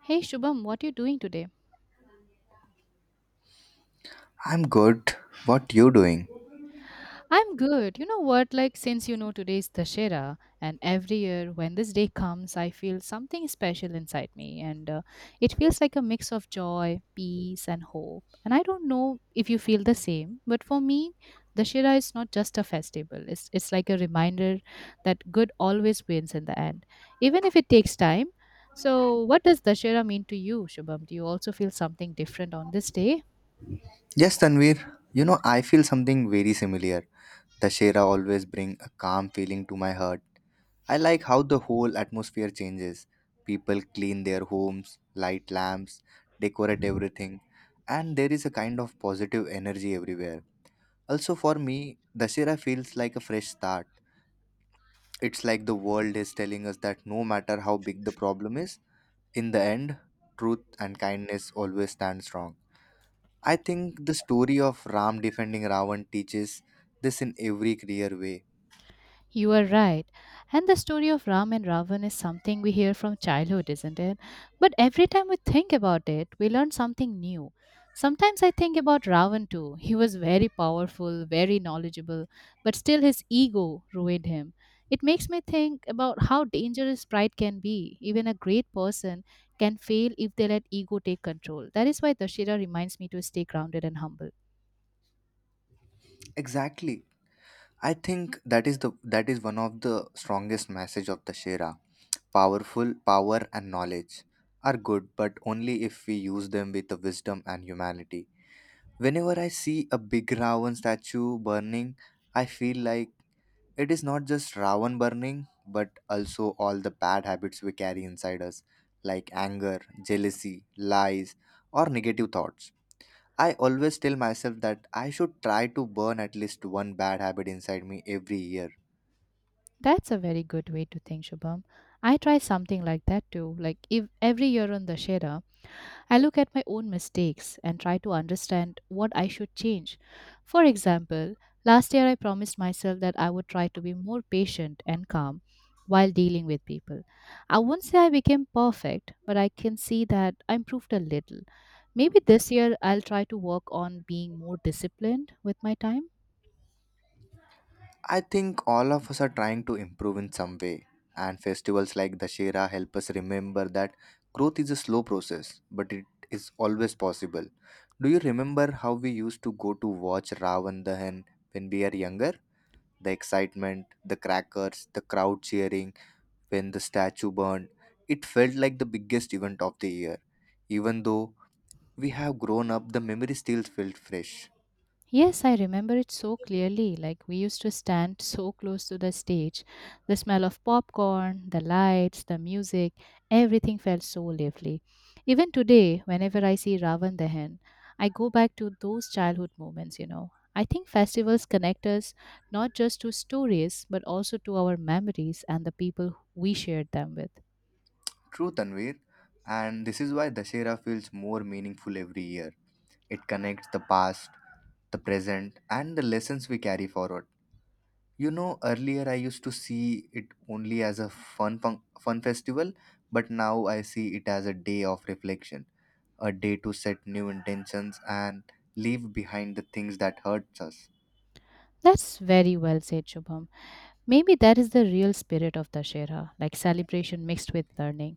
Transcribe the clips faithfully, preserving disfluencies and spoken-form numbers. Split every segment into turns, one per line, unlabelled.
Hey Shubham, what you doing today?
I'm good. What you doing?
I'm good. You know what? Like since you know today is Dashera, and every year when this day comes, I feel something special inside me, and uh, it feels like a mix of joy, peace, and hope. And I don't know if you feel the same, but for me, Dashera is not just a festival. It's it's like a reminder that good always wins in the end, even if it takes time. So, what does Dashera mean to you, Shubham? Do you also feel something different on this day?
Yes, Tanvir. You know, I feel something very similar. Dashera always bring a calm feeling to my heart. I like how the whole atmosphere changes. People clean their homes, light lamps, decorate everything, and there is a kind of positive energy everywhere. Also for me, Dashera feels like a fresh start. It's like the world is telling us that no matter how big the problem is, in the end, truth and kindness always stand strong. I think the story of Ram defending Ravan teaches this in every clear way.
You are right. And the story of Ram and Ravan is something we hear from childhood, isn't it? But every time we think about it, we learn something new. Sometimes I think about Ravan too. He was very powerful, very knowledgeable, but still his ego ruined him. It makes me think about how dangerous pride can be. Even a great person can fail if they let ego take control. That is why Dashira reminds me to stay grounded and humble.
Exactly. I think that is the that is one of the strongest message of the Shera. Powerful power and knowledge are good, but only if we use them with the wisdom and humanity. Whenever I see a big Ravan statue burning, I feel like it is not just Ravan burning, but also all the bad habits we carry inside us, like anger, jealousy, lies, or negative thoughts. I always tell myself that I should try to burn at least one bad habit inside me every year.
That's a very good way to think, Shubham. I try something like that too. Like if every year on the Shera, I look at my own mistakes and try to understand what I should change. For example, last year I promised myself that I would try to be more patient and calm while dealing with people. I won't say I became perfect, but I can see that I improved a little. Maybe this year I'll try to work on being more disciplined with my time.
I think all of us are trying to improve in some way, and festivals like Dashera help us remember that growth is a slow process, but it is always possible. Do you remember how we used to go to watch Ravan Dahan when we are younger? The excitement, the crackers, the crowd cheering when the statue burned, it felt like the biggest event of the year. Even though we have grown up, the memory still felt fresh.
Yes, I remember it so clearly. Like we used to stand so close to the stage. The smell of popcorn, the lights, the music, everything felt so lively. Even today, whenever I see Ravan Dahan, I go back to those childhood moments, you know. I think festivals connect us not just to stories, but also to our memories and the people we shared them with.
True, Tanvir, and this is why Dashera feels more meaningful every year. It connects the past, the present, and the lessons we carry forward. You know, earlier I used to see it only as a fun fun, fun festival, but now I see it as a day of reflection, a day to set new intentions and leave behind the things that hurts us.
That's very well said, Shubham. Maybe that is the real spirit of Dashera, like celebration mixed with learning.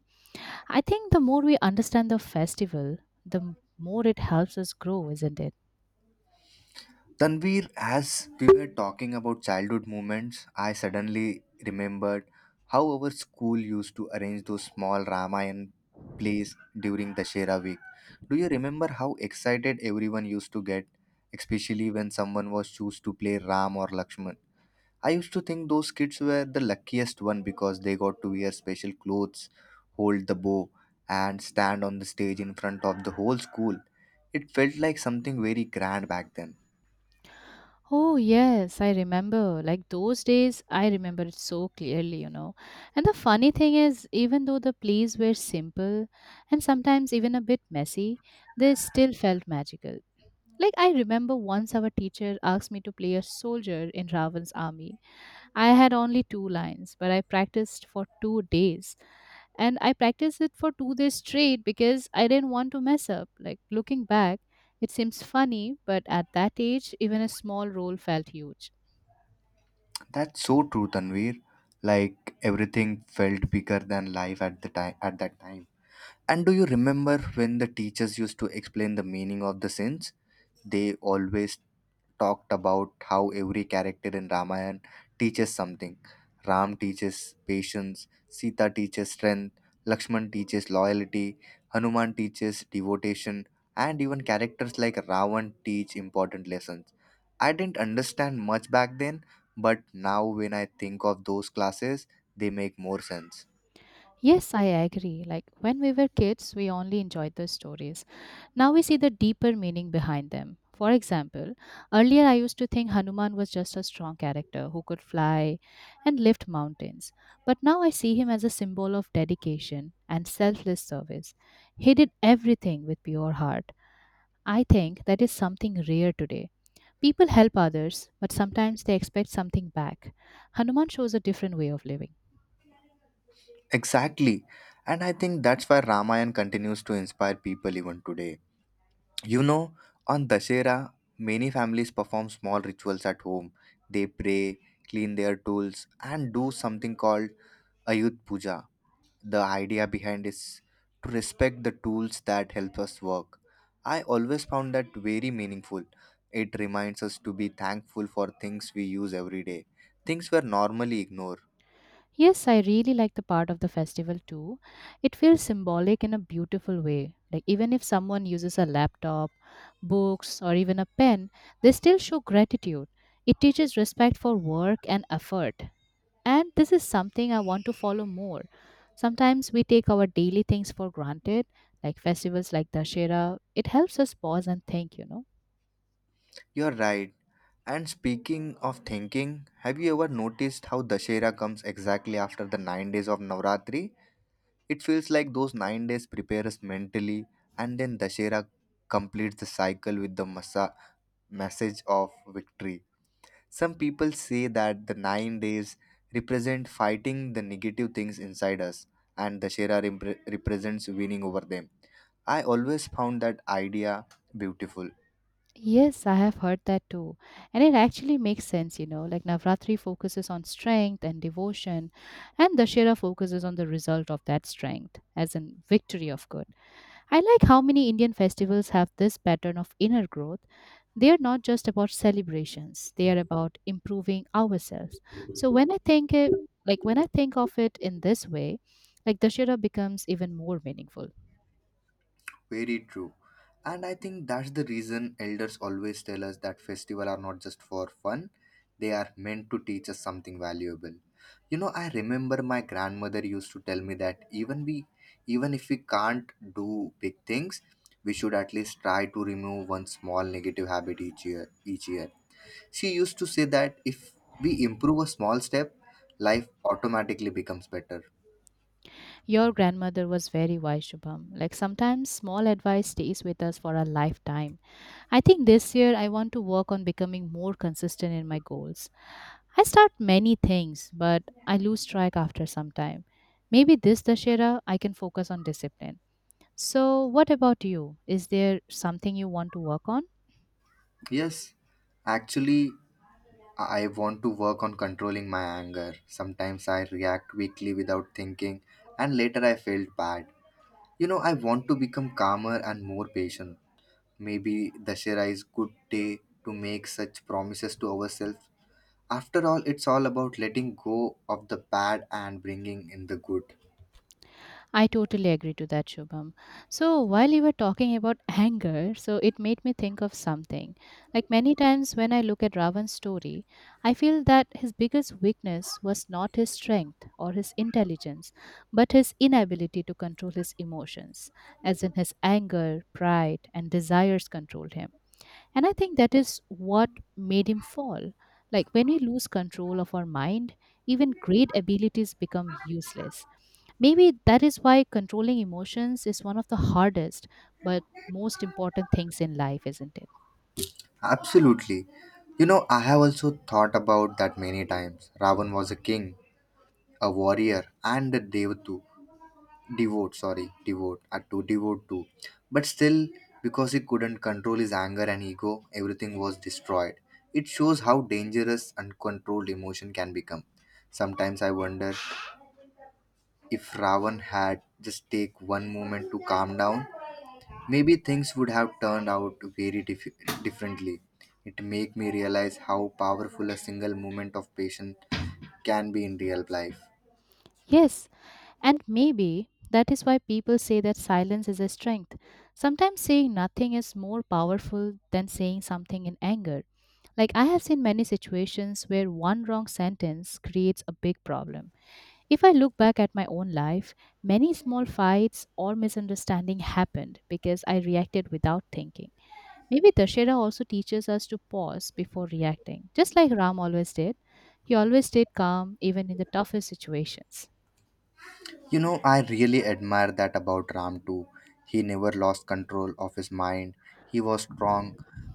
I think the more we understand the festival, the m- more it helps us grow, isn't it?
Tanvir, as we were talking about childhood moments, I suddenly remembered how our school used to arrange those small Ramayan plays during Dashera week. Do you remember how excited everyone used to get, especially when someone was choose to play Ram or Lakshman? I used to think those kids were the luckiest one because they got to wear special clothes, hold the bow, and stand on the stage in front of the whole school. It felt like something very grand back then.
Oh, yes, I remember. Like those days, I remember it so clearly, you know. And the funny thing is, even though the plays were simple and sometimes even a bit messy, they still felt magical. Like I remember once our teacher asked me to play a soldier in Ravan's army, I had only two lines, but I practiced for two days. And I practiced it for two days straight because I didn't want to mess up. Like looking back, it seems funny, but at that age, even a small role felt huge.
That's so true, Tanvir. Like everything felt bigger than life at the time at that time. And do you remember when the teachers used to explain the meaning of the sins? They always talked about how every character in Ramayana teaches something. Ram teaches patience, Sita teaches strength, Lakshman teaches loyalty, Hanuman teaches devotion, and even characters like Ravan teach important lessons. I didn't understand much back then, but now when I think of those classes, they make more sense.
Yes, I agree. Like when we were kids, we only enjoyed the stories. Now we see the deeper meaning behind them. For example, earlier I used to think Hanuman was just a strong character who could fly and lift mountains. But now I see him as a symbol of dedication and selfless service. He did everything with pure heart. I think that is something rare today. People help others, but sometimes they expect something back. Hanuman shows a different way of living.
Exactly. And I think that's why Ramayana continues to inspire people even today. You know, on Dashera, many families perform small rituals at home. They pray, clean their tools, and do something called Ayut Puja. The idea behind is to respect the tools that help us work. I always found that very meaningful. It reminds us to be thankful for things we use every day, things we normally ignore.
Yes, I really like the part of the festival too. It feels symbolic in a beautiful way. Like, even if someone uses a laptop, books, or even a pen, they still show gratitude. It teaches respect for work and effort. And this is something I want to follow more. Sometimes we take our daily things for granted, like festivals like Dashera. It helps us pause and think, you know.
You're right. And speaking of thinking, have you ever noticed how Dashera comes exactly after the nine days of Navratri? It feels like those nine days prepare us mentally, and then Dashera completes the cycle with the massa- message of victory. Some people say that the nine days represent fighting the negative things inside us, and Dashera repre- represents winning over them. I always found that idea beautiful.
Yes, I have heard that too. And it actually makes sense, you know, like Navratri focuses on strength and devotion, and Dashera focuses on the result of that strength, as in victory of good. I like how many Indian festivals have this pattern of inner growth. They are not just about celebrations, they are about improving ourselves. So when I think it, like when I think of it in this way, like Dashera becomes even more meaningful.
Very true. And I think that's the reason elders always tell us that festivals are not just for fun, they are meant to teach us something valuable. You know, I remember my grandmother used to tell me that even we even if we can't do big things, we should at least try to remove one small negative habit each year each year. She used to say that if we improve a small step, life automatically becomes better.
Your grandmother was very wise, Shubham. Like sometimes small advice stays with us for a lifetime. I think this year I want to work on becoming more consistent in my goals. I start many things, but I lose track after some time. Maybe this Dashera I can focus on discipline. So, what about you? Is there something you want to work on?
Yes, actually I want to work on controlling my anger. Sometimes I react quickly without thinking, and later I felt bad. You know, I want to become calmer and more patient. Maybe Dashera is good day to make such promises to ourselves. After all, it's all about letting go of the bad and bringing in the good.
I totally agree to that, Shubham. So, while you were talking about anger, so it made me think of something. Like many times when I look at Ravan's story, I feel that his biggest weakness was not his strength or his intelligence, but his inability to control his emotions, as in his anger, pride, and desires controlled him. And I think that is what made him fall. Like when we lose control of our mind, even great abilities become useless. Maybe that is why controlling emotions is one of the hardest but most important things in life, isn't it?
Absolutely. You know, I have also thought about that many times. Ravan was a king, a warrior, and a Devatu. Devote sorry devote uh, to devote to, but still, because he couldn't control his anger and ego, everything was destroyed. It shows how dangerous uncontrolled emotion can become. Sometimes I wonder, if Ravan had just take one moment to calm down, maybe things would have turned out very dif- differently. It make me realize how powerful a single moment of patience can be in real life.
Yes, and maybe that is why people say that silence is a strength. Sometimes saying nothing is more powerful than saying something in anger. Like I have seen many situations where one wrong sentence creates a big problem. If I look back at my own life, many small fights or misunderstanding happened because I reacted without thinking. Maybe Dashera also teaches us to pause before reacting, just like Ram always did. He always stayed calm even in the toughest situations.
You know, I really admire that about Ram too. He never lost control of his mind. He was strong,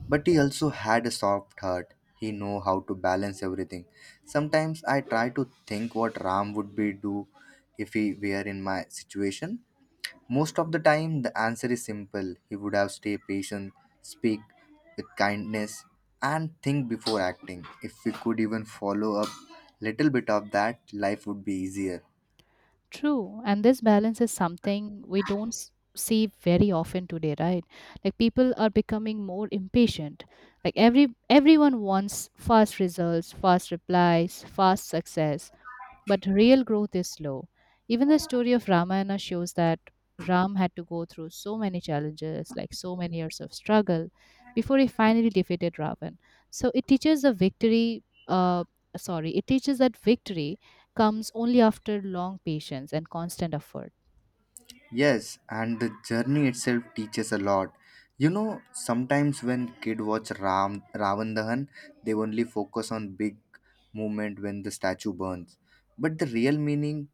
but he also had a soft heart. He know how to balance everything. Sometimes I try to think what Ram would be do if he were in my situation. Most of the time the answer is simple. He would have stay patient, speak with kindness and think before acting. If we could even follow up little bit of that, life would be easier.
True. And this balance is something we don't s- see very often today, right? Like people are becoming more impatient. Like every everyone wants fast results, fast replies, fast success. But real growth is slow. Even the story of Ramayana shows that Ram had to go through so many challenges, like so many years of struggle, before he finally defeated Ravan. So it teaches the victory, uh, sorry, it teaches that victory comes only after long patience and constant effort.
Yes, and the journey itself teaches a lot. You know, sometimes when kid watch Ram Ravan Dahan, they only focus on big movement when the statue burns. But the real meaning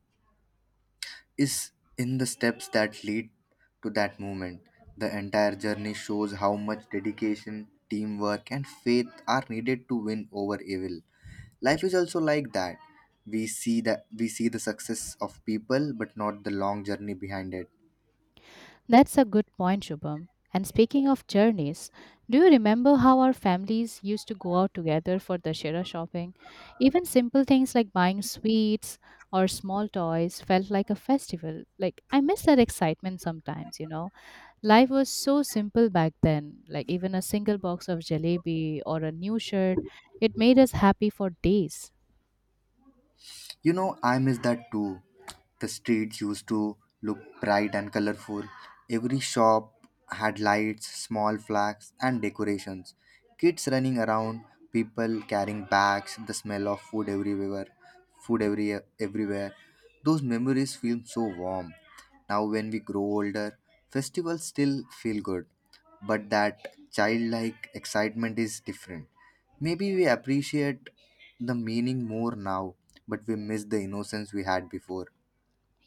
is in the steps that lead to that movement. The entire journey shows how much dedication, teamwork, and faith are needed to win over evil. Life is also like that. We see that we see the success of people, but not the long journey behind it.
That's a good point, Shubham. And speaking of journeys, do you remember how our families used to go out together for Dashera shopping? Even simple things like buying sweets or small toys felt like a festival. Like, I miss that excitement sometimes, you know? Life was so simple back then. Like, even a single box of jalebi or a new shirt, it made us happy for days.
You know, I miss that too. The streets used to look bright and colorful. Every shop had lights, small flags, and decorations. Kids running around, people carrying bags, the smell of food everywhere, food every everywhere. Those memories feel so warm. Now when we grow older, festivals still feel good, but that childlike excitement is different. Maybe we appreciate the meaning more now but we miss the innocence we had before.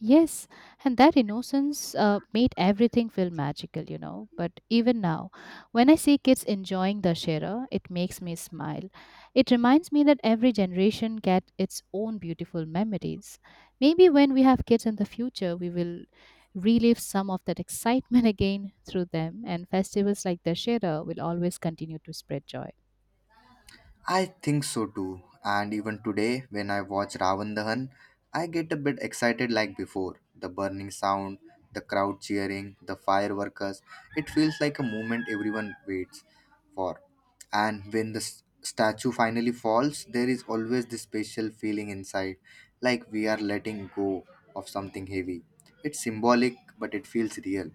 Yes, and that innocence uh, made everything feel magical, you know. But even now, when I see kids enjoying Dashera, it makes me smile. It reminds me that every generation gets its own beautiful memories. Maybe when we have kids in the future, we will relive some of that excitement again through them, and festivals like Dashera will always continue to spread joy.
I think so too. And even today, when I watch Ravan Dahan, I get a bit excited like before. The burning sound, the crowd cheering, the fireworkers. It feels like a moment everyone waits for. And when the s- statue finally falls, there is always this special feeling inside, like we are letting go of something heavy. It's symbolic, but it feels real.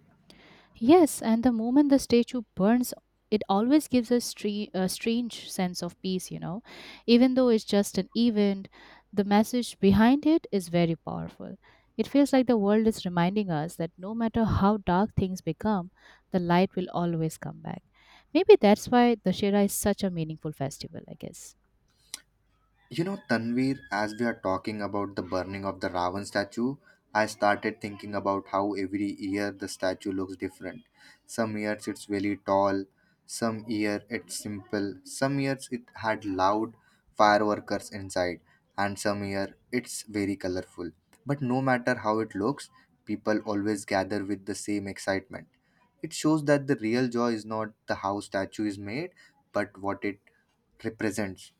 Yes, and the moment the statue burns, it always gives a, stre- a strange sense of peace, you know. Even though it's just an event, the message behind it is very powerful. It feels like the world is reminding us that no matter how dark things become, the light will always come back. Maybe that's why the Shera is such a meaningful festival, I guess.
You know, Tanvir, as we are talking about the burning of the Ravan statue, I started thinking about how every year the statue looks different. Some years it's really tall, some year it's simple, some years it had loud fireworkers inside, and some year it's very colorful. But no matter how it looks, people always gather with the same excitement. It shows that the real joy is not the how statue is made, but what it represents.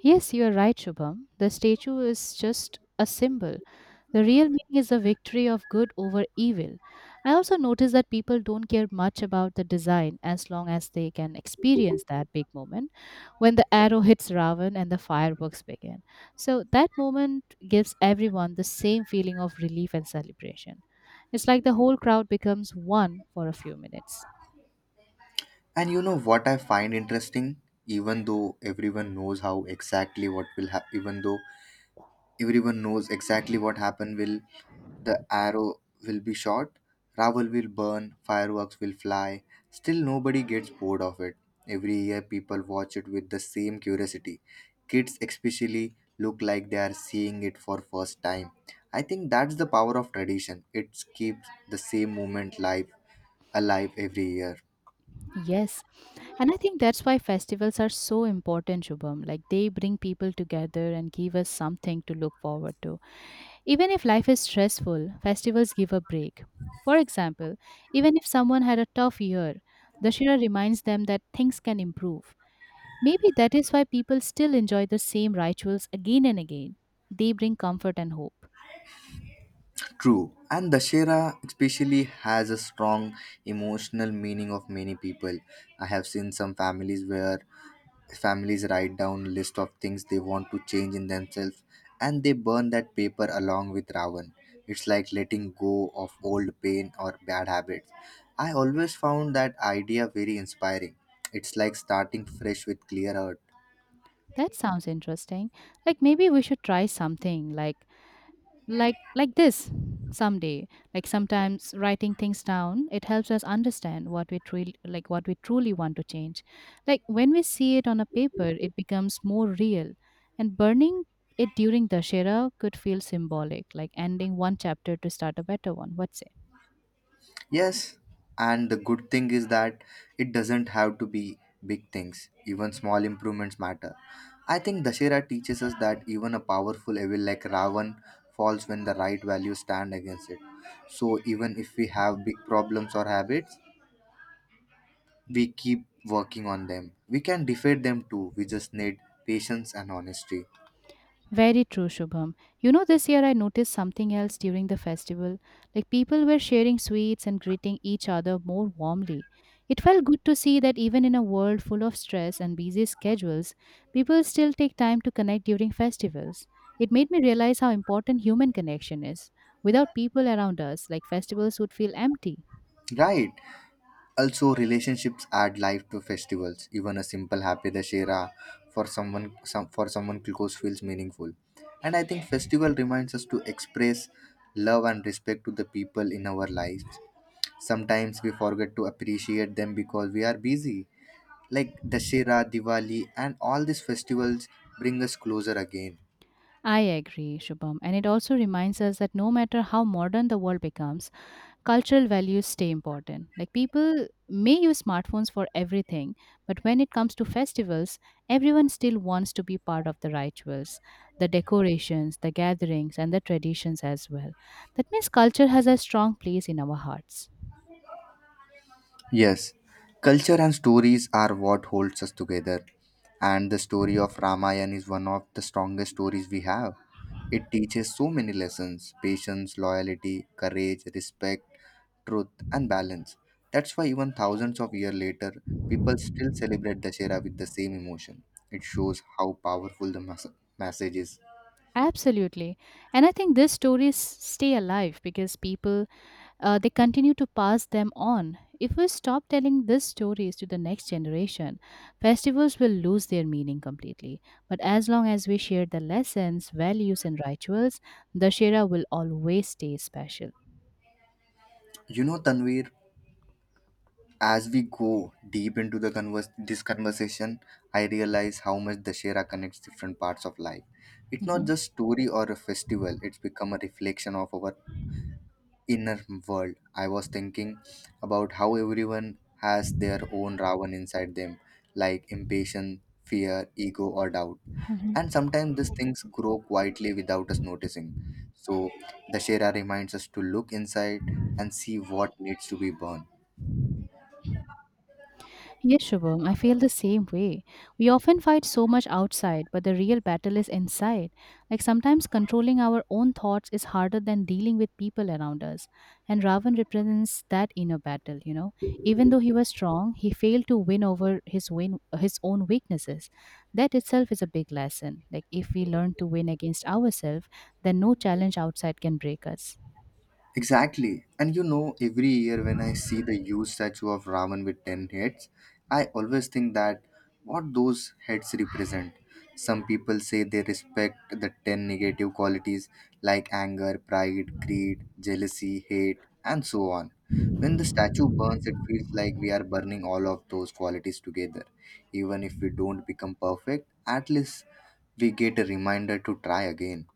Yes, you are right, Shubham. The statue is just a symbol. The real meaning is the victory of good over evil. I also notice that people don't care much about the design as long as they can experience that big moment when the arrow hits Ravan and the fireworks begin. So that moment gives everyone the same feeling of relief and celebration. It's like the whole crowd becomes one for a few minutes.
And you know what I find interesting? Even though everyone knows how exactly what will happen, even though everyone knows exactly what happened, will the arrow will be shot, Ravel will burn, fireworks will fly. Still, nobody gets bored of it. Every year, people watch it with the same curiosity. Kids, especially, look like they are seeing it for first time. I think that's the power of tradition. It keeps the same moment live alive every year.
Yes. And I think that's why festivals are so important, Shubham. Like they bring people together and give us something to look forward to. Even if life is stressful, festivals give a break. For example, even if someone had a tough year, Dashera reminds them that things can improve. Maybe that is why people still enjoy the same rituals again and again. They bring comfort and hope.
True, and Dashera especially has a strong emotional meaning of many people. I have seen some families where families write down list of things they want to change in themselves and they burn that paper along with Ravan. It's like letting go of old pain or bad habits. I always found that idea very inspiring. It's like starting fresh with clear heart.
That sounds interesting. Like maybe we should try something like like like this someday, like sometimes writing things down, it helps us understand what we truly like what we truly want to change, like when we see it on a paper it becomes more real. And burning it during dashera could feel symbolic, like ending one chapter to start a better one. What say?
Yes, and the good thing is that it doesn't have to be big things, even small improvements matter. I think Dashera teaches us that even a powerful evil like Ravan falls when the right values stand against it. So, even if we have big problems or habits, we keep working on them. We can defeat them too, we just need patience and honesty.
Very true, Shubham. You know, this year I noticed something else during the festival. Like people were sharing sweets and greeting each other more warmly. It felt good to see that even in a world full of stress and busy schedules, people still take time to connect during festivals. It made me realize how important human connection is. Without people around us, like festivals would feel empty.
Right. Also, relationships add life to festivals. Even a simple happy dashera for someone some, for someone close feels meaningful. And I think festival reminds us to express love and respect to the people in our lives. Sometimes we forget to appreciate them because we are busy. Like Dashera, Diwali, and all these festivals bring us closer again.
I agree, Shubham. And it also reminds us that no matter how modern the world becomes, cultural values stay important. Like people may use smartphones for everything, but when it comes to festivals, everyone still wants to be part of the rituals, the decorations, the gatherings, and the traditions as well. That means culture has a strong place in our hearts.
Yes, culture and stories are what holds us together. And the story of Ramayana is one of the strongest stories we have. It teaches so many lessons patience, loyalty, courage, respect, truth, and balance. That's why, even thousands of years later, people still celebrate Dashera with the same emotion. It shows how powerful the mas- message is.
Absolutely. And I think these stories stay alive because people uh, they continue to pass them on. If we stop telling these stories to the next generation, festivals will lose their meaning completely. But as long as we share the lessons, values, and rituals, Dashera will always stay special.
You know, Tanvir, as we go deep into the converse, this conversation, I realize how much Dashera connects different parts of life. It's not
Mhm.
just story or a festival; it's become a reflection of our inner world. I was thinking about how everyone has their own Ravan inside them, like impatience, fear, ego, or doubt. And
Mhm.
sometimes these things grow quietly without us noticing. So Dashera reminds us to look inside and see what needs to be burned.
Yes, Shubham, I feel the same way. We often fight so much outside, but the real battle is inside. Like sometimes controlling our own thoughts is harder than dealing with people around us. And Ravan represents that inner battle, you know. Even though he was strong, he failed to win over his win his own weaknesses. That itself is a big lesson. Like if we learn to win against ourselves, then no challenge outside can break us.
Exactly. And you know, every year when I see the huge statue of Ravan with ten heads, I always think that what those heads represent. Some people say they respect the ten negative qualities like anger, pride, greed, jealousy, hate, and so on. When the statue burns, it feels like we are burning all of those qualities together. Even if we don't become perfect, at least we get a reminder to try again.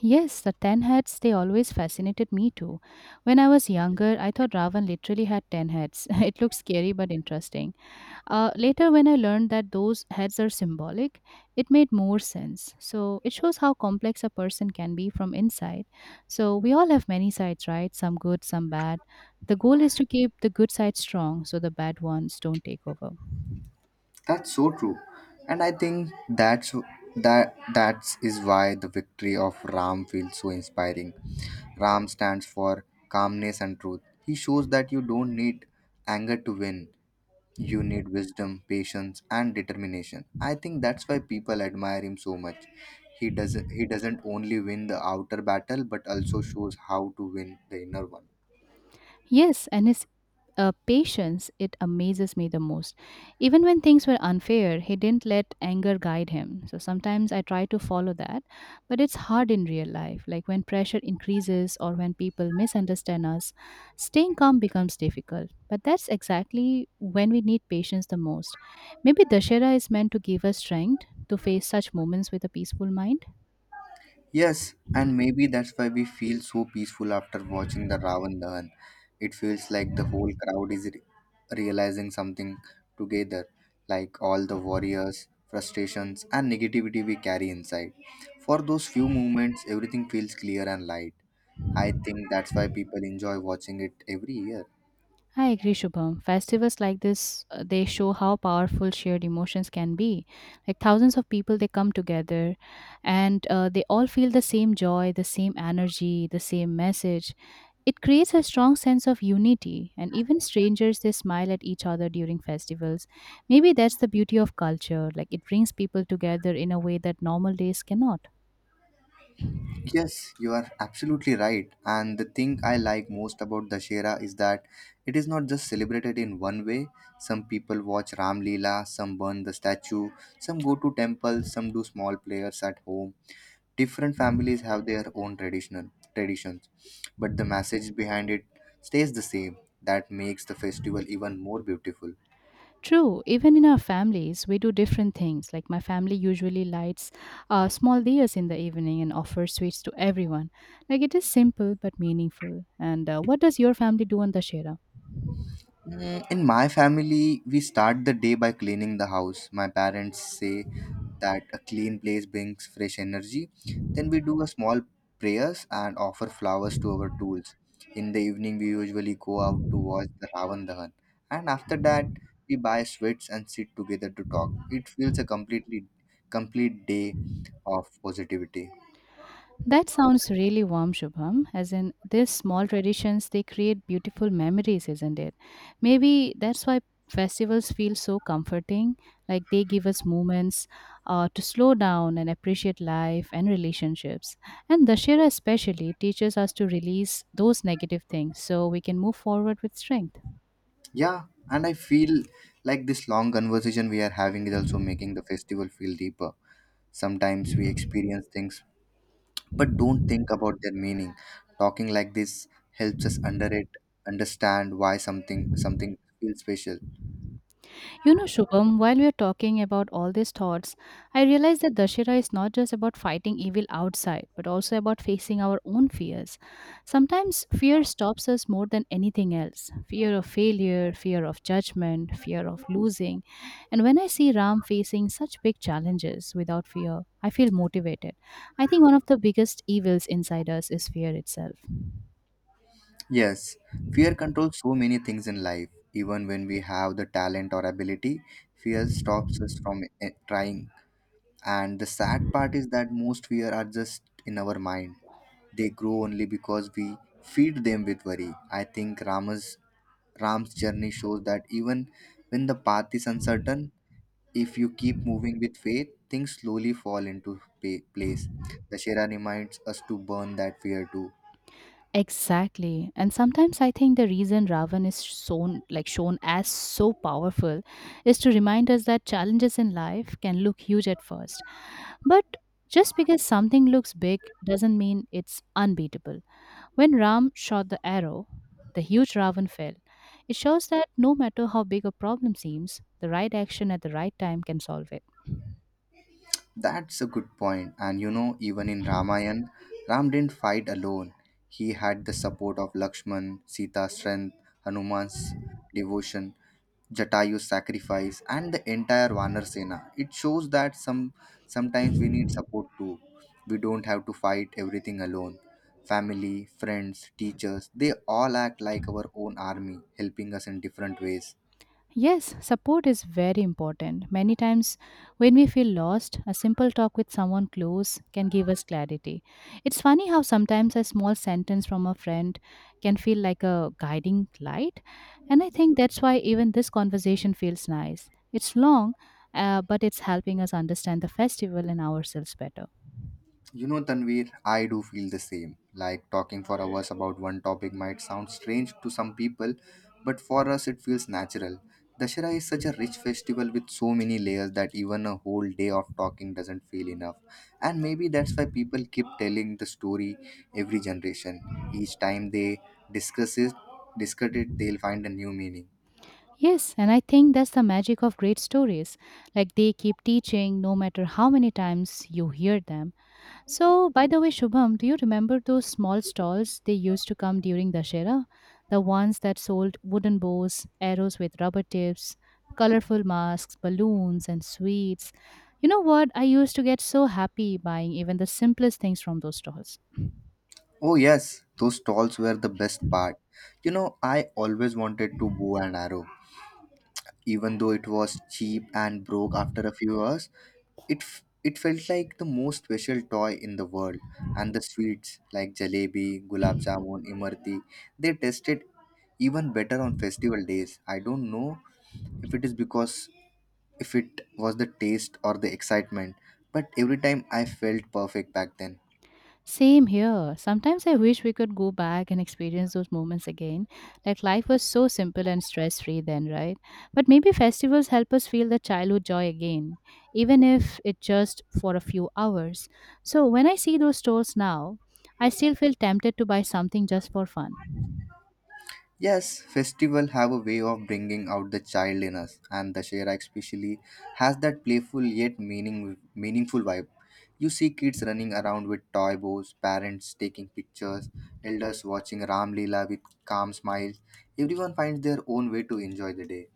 Yes, the ten heads, they always fascinated me too. When I was younger, I thought Ravan literally had ten heads. It looked scary but interesting. Uh, later, when I learned that those heads are symbolic, it made more sense. So, it shows how complex a person can be from inside. So, we all have many sides, right? Some good, some bad. The goal is to keep the good side strong so the bad ones don't take over.
That's so true. And I think that's that that is why the victory of Ram feels so inspiring. Ram stands for calmness and truth. He shows that you don't need anger to win. You need wisdom, patience and determination. I think that's why people admire him so much. He doesn't he doesn't only win the outer battle but also shows how to win the inner one.
Yes, and his uh, patience, it amazes me the most. Even when things were unfair, he didn't let anger guide him. So sometimes I try to follow that, but it's hard in real life. Like when pressure increases or when people misunderstand us, staying calm becomes difficult. But that's exactly when we need patience the most. Maybe Dashera is meant to give us strength to face such moments with a peaceful mind.
Yes, and maybe that's why we feel so peaceful after watching the Ravan Dahan. It feels like the whole crowd is re- realizing something together, like all the warriors, frustrations, and negativity we carry inside. For those few moments, everything feels clear and light. I think that's why people enjoy watching it every year.
I agree, Shubham. Festivals like this, uh, they show how powerful shared emotions can be. Like thousands of people, they come together and uh, they all feel the same joy, the same energy, the same message. It creates a strong sense of unity, and even strangers, they smile at each other during festivals. Maybe that's the beauty of culture. Like it brings people together in a way that normal days cannot.
Yes, you are absolutely right. And the thing I like most about Dashera is that it is not just celebrated in one way. Some people watch Ram Leela, some burn the statue, some go to temples, some do small prayers at home. Different families have their own traditional traditions, but the message behind it stays the same. That makes the festival even more beautiful.
True, even in our families, we do different things. Like my family usually lights uh, small diyas in the evening and offers sweets to everyone. Like it is simple but meaningful. And uh, what does your family do on the Shera?
Mm, In my family, we start the day by cleaning the house. My parents say that a clean place brings fresh energy. Then we do a small prayers and offer flowers to our tools. In the evening, we usually go out to watch the Ravan Dahan. And after that, we buy sweets and sit together to talk. It feels a completely complete day of positivity.
That sounds really warm, Shubham. As in, these small traditions, they create beautiful memories, isn't it? Maybe that's why festivals feel so comforting. Like they give us moments uh, to slow down and appreciate life and relationships. And Dashera especially teaches us to release those negative things so we can move forward with strength.
Yeah, and I feel like this long conversation we are having is also making the festival feel deeper. Sometimes we experience things but don't think about their meaning. Talking like this helps us under it understand why something something feels special.
You know, Shubham, while we are talking about all these thoughts, I realize that Dashera is not just about fighting evil outside, but also about facing our own fears. Sometimes fear stops us more than anything else fear of failure, fear of judgment, fear of losing. And when I see Ram facing such big challenges without fear, I feel motivated. I think one of the biggest evils inside us is fear itself.
Yes, fear controls so many things in life. Even when we have the talent or ability, fear stops us from eh, trying. And the sad part is that most fear are just in our mind. They grow only because we feed them with worry. I think Rama's Ram's journey shows that even when the path is uncertain, if you keep moving with faith, things slowly fall into pa- place. Dashera reminds us to burn that fear too.
Exactly. And sometimes I think the reason Ravan is shown like shown as so powerful is to remind us that challenges in life can look huge at first. But just because something looks big doesn't mean it's unbeatable. When Ram shot the arrow, the huge Ravan fell. It shows that no matter how big a problem seems, the right action at the right time can solve it.
That's a good point. And you know, even in Ramayana, Ram didn't fight alone. He had the support of Lakshman, Sita's strength, Hanuman's devotion, Jatayu's sacrifice, and the entire Vanar Sena. It shows that some sometimes we need support too. We don't have to fight everything alone. Family, friends, teachers, they all act like our own army, helping us in different ways.
Yes, support is very important. Many times, when we feel lost, a simple talk with someone close can give us clarity. It's funny how sometimes a small sentence from a friend can feel like a guiding light. And I think that's why even this conversation feels nice. It's long, uh, but it's helping us understand the festival and ourselves better.
You know, Tanvir, I do feel the same. Like talking for hours about one topic might sound strange to some people, but for us it feels natural. Dashera is such a rich festival with so many layers that even a whole day of talking doesn't feel enough. And maybe that's why people keep telling the story every generation. Each time they discuss it, discuss it, they'll find a new meaning.
Yes, and I think that's the magic of great stories. Like they keep teaching no matter how many times you hear them. So, by the way, Shubham, do you remember those small stalls they used to come during Dashera? The ones that sold wooden bows, arrows with rubber tips, colorful masks, balloons, and sweets. You know what? I used to get so happy buying even the simplest things from those stalls.
Oh yes, those stalls were the best part. You know, I always wanted to bow and arrow even though it was cheap and broke after a few hours it f- it felt like the most special toy in the world and the sweets like jalebi gulab jamun imarti they tasted even better on festival days. I don't know if it is because if it was the taste or the excitement, but every time I felt perfect back then.
Same here. Sometimes I wish we could go back and experience those moments again. Like life was so simple and stress free then, right? But maybe festivals help us feel the childhood joy again, even if it just for a few hours. So when I see those stores now, I still feel tempted to buy something just for fun.
Yes, festival have a way of bringing out the child in us, and the Shera especially has that playful yet meaning meaningful vibe. You see kids running around with toy bows, parents taking pictures, elders watching Ram Leela with calm smiles. Everyone finds their own way to enjoy the day.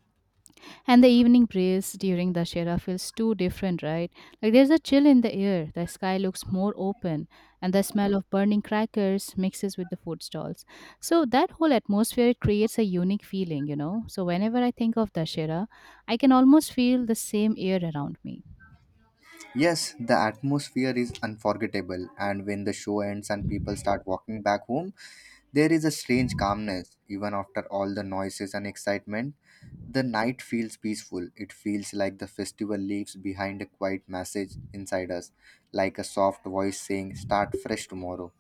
And the evening breeze during the Shera feels too different, right? Like there's a chill in the air, the sky looks more open, and the smell of burning crackers mixes with the food stalls. So that whole atmosphere it creates a unique feeling, you know. So whenever I think of Dashera, I can almost feel the same air around me.
Yes, the atmosphere is unforgettable, and when the show ends and people start walking back home, there is a strange calmness, even after all the noises and excitement. The night feels peaceful. It feels like the festival leaves behind a quiet message inside us, like a soft voice saying, Start fresh tomorrow.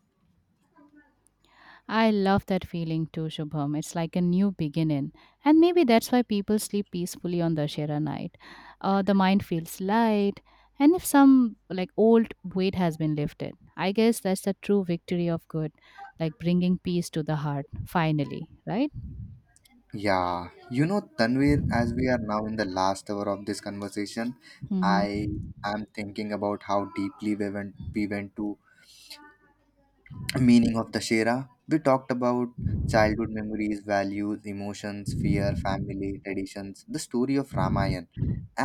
I love that feeling too, Shubham. It's like a new beginning. And maybe that's why people sleep peacefully on Dashera night. Uh, the mind feels light. And if some like old weight has been lifted, I guess that's the true victory of good, like bringing peace to the heart, finally, right?
Yeah, you know, Tanvir, as we are now in the last hour of this conversation,
Mm-hmm.
I am thinking about how deeply we went, we went to meaning of the Shera. We talked about childhood memories, values, emotions, fear, family, traditions, the story of Ramayana,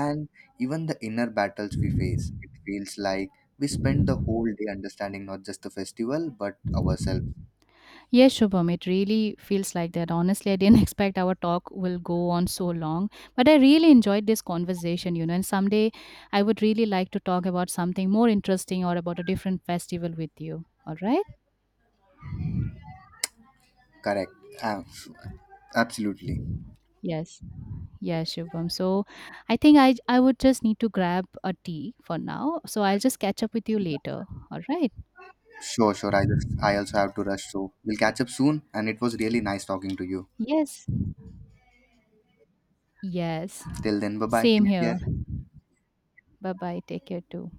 and even the inner battles we face. It feels like we spend the whole day understanding not just the festival but ourselves.
Yes, Shubham, it really feels like that. Honestly, I didn't expect our talk will go on so long, but I really enjoyed this conversation, you know. And someday I would really like to talk about something more interesting or about a different festival with you. All right?
Correct. Ab- Absolutely.
Yes. Yes, Shubham. So I think I I would just need to grab a tea for now. So I'll just catch up with you later. All right?
Sure, sure. I just I also have to rush, so we'll catch up soon. And it was really nice talking to you.
Yes. Yes.
Till then, bye bye.
Same
Take
here.
care.
Bye bye. Take care too.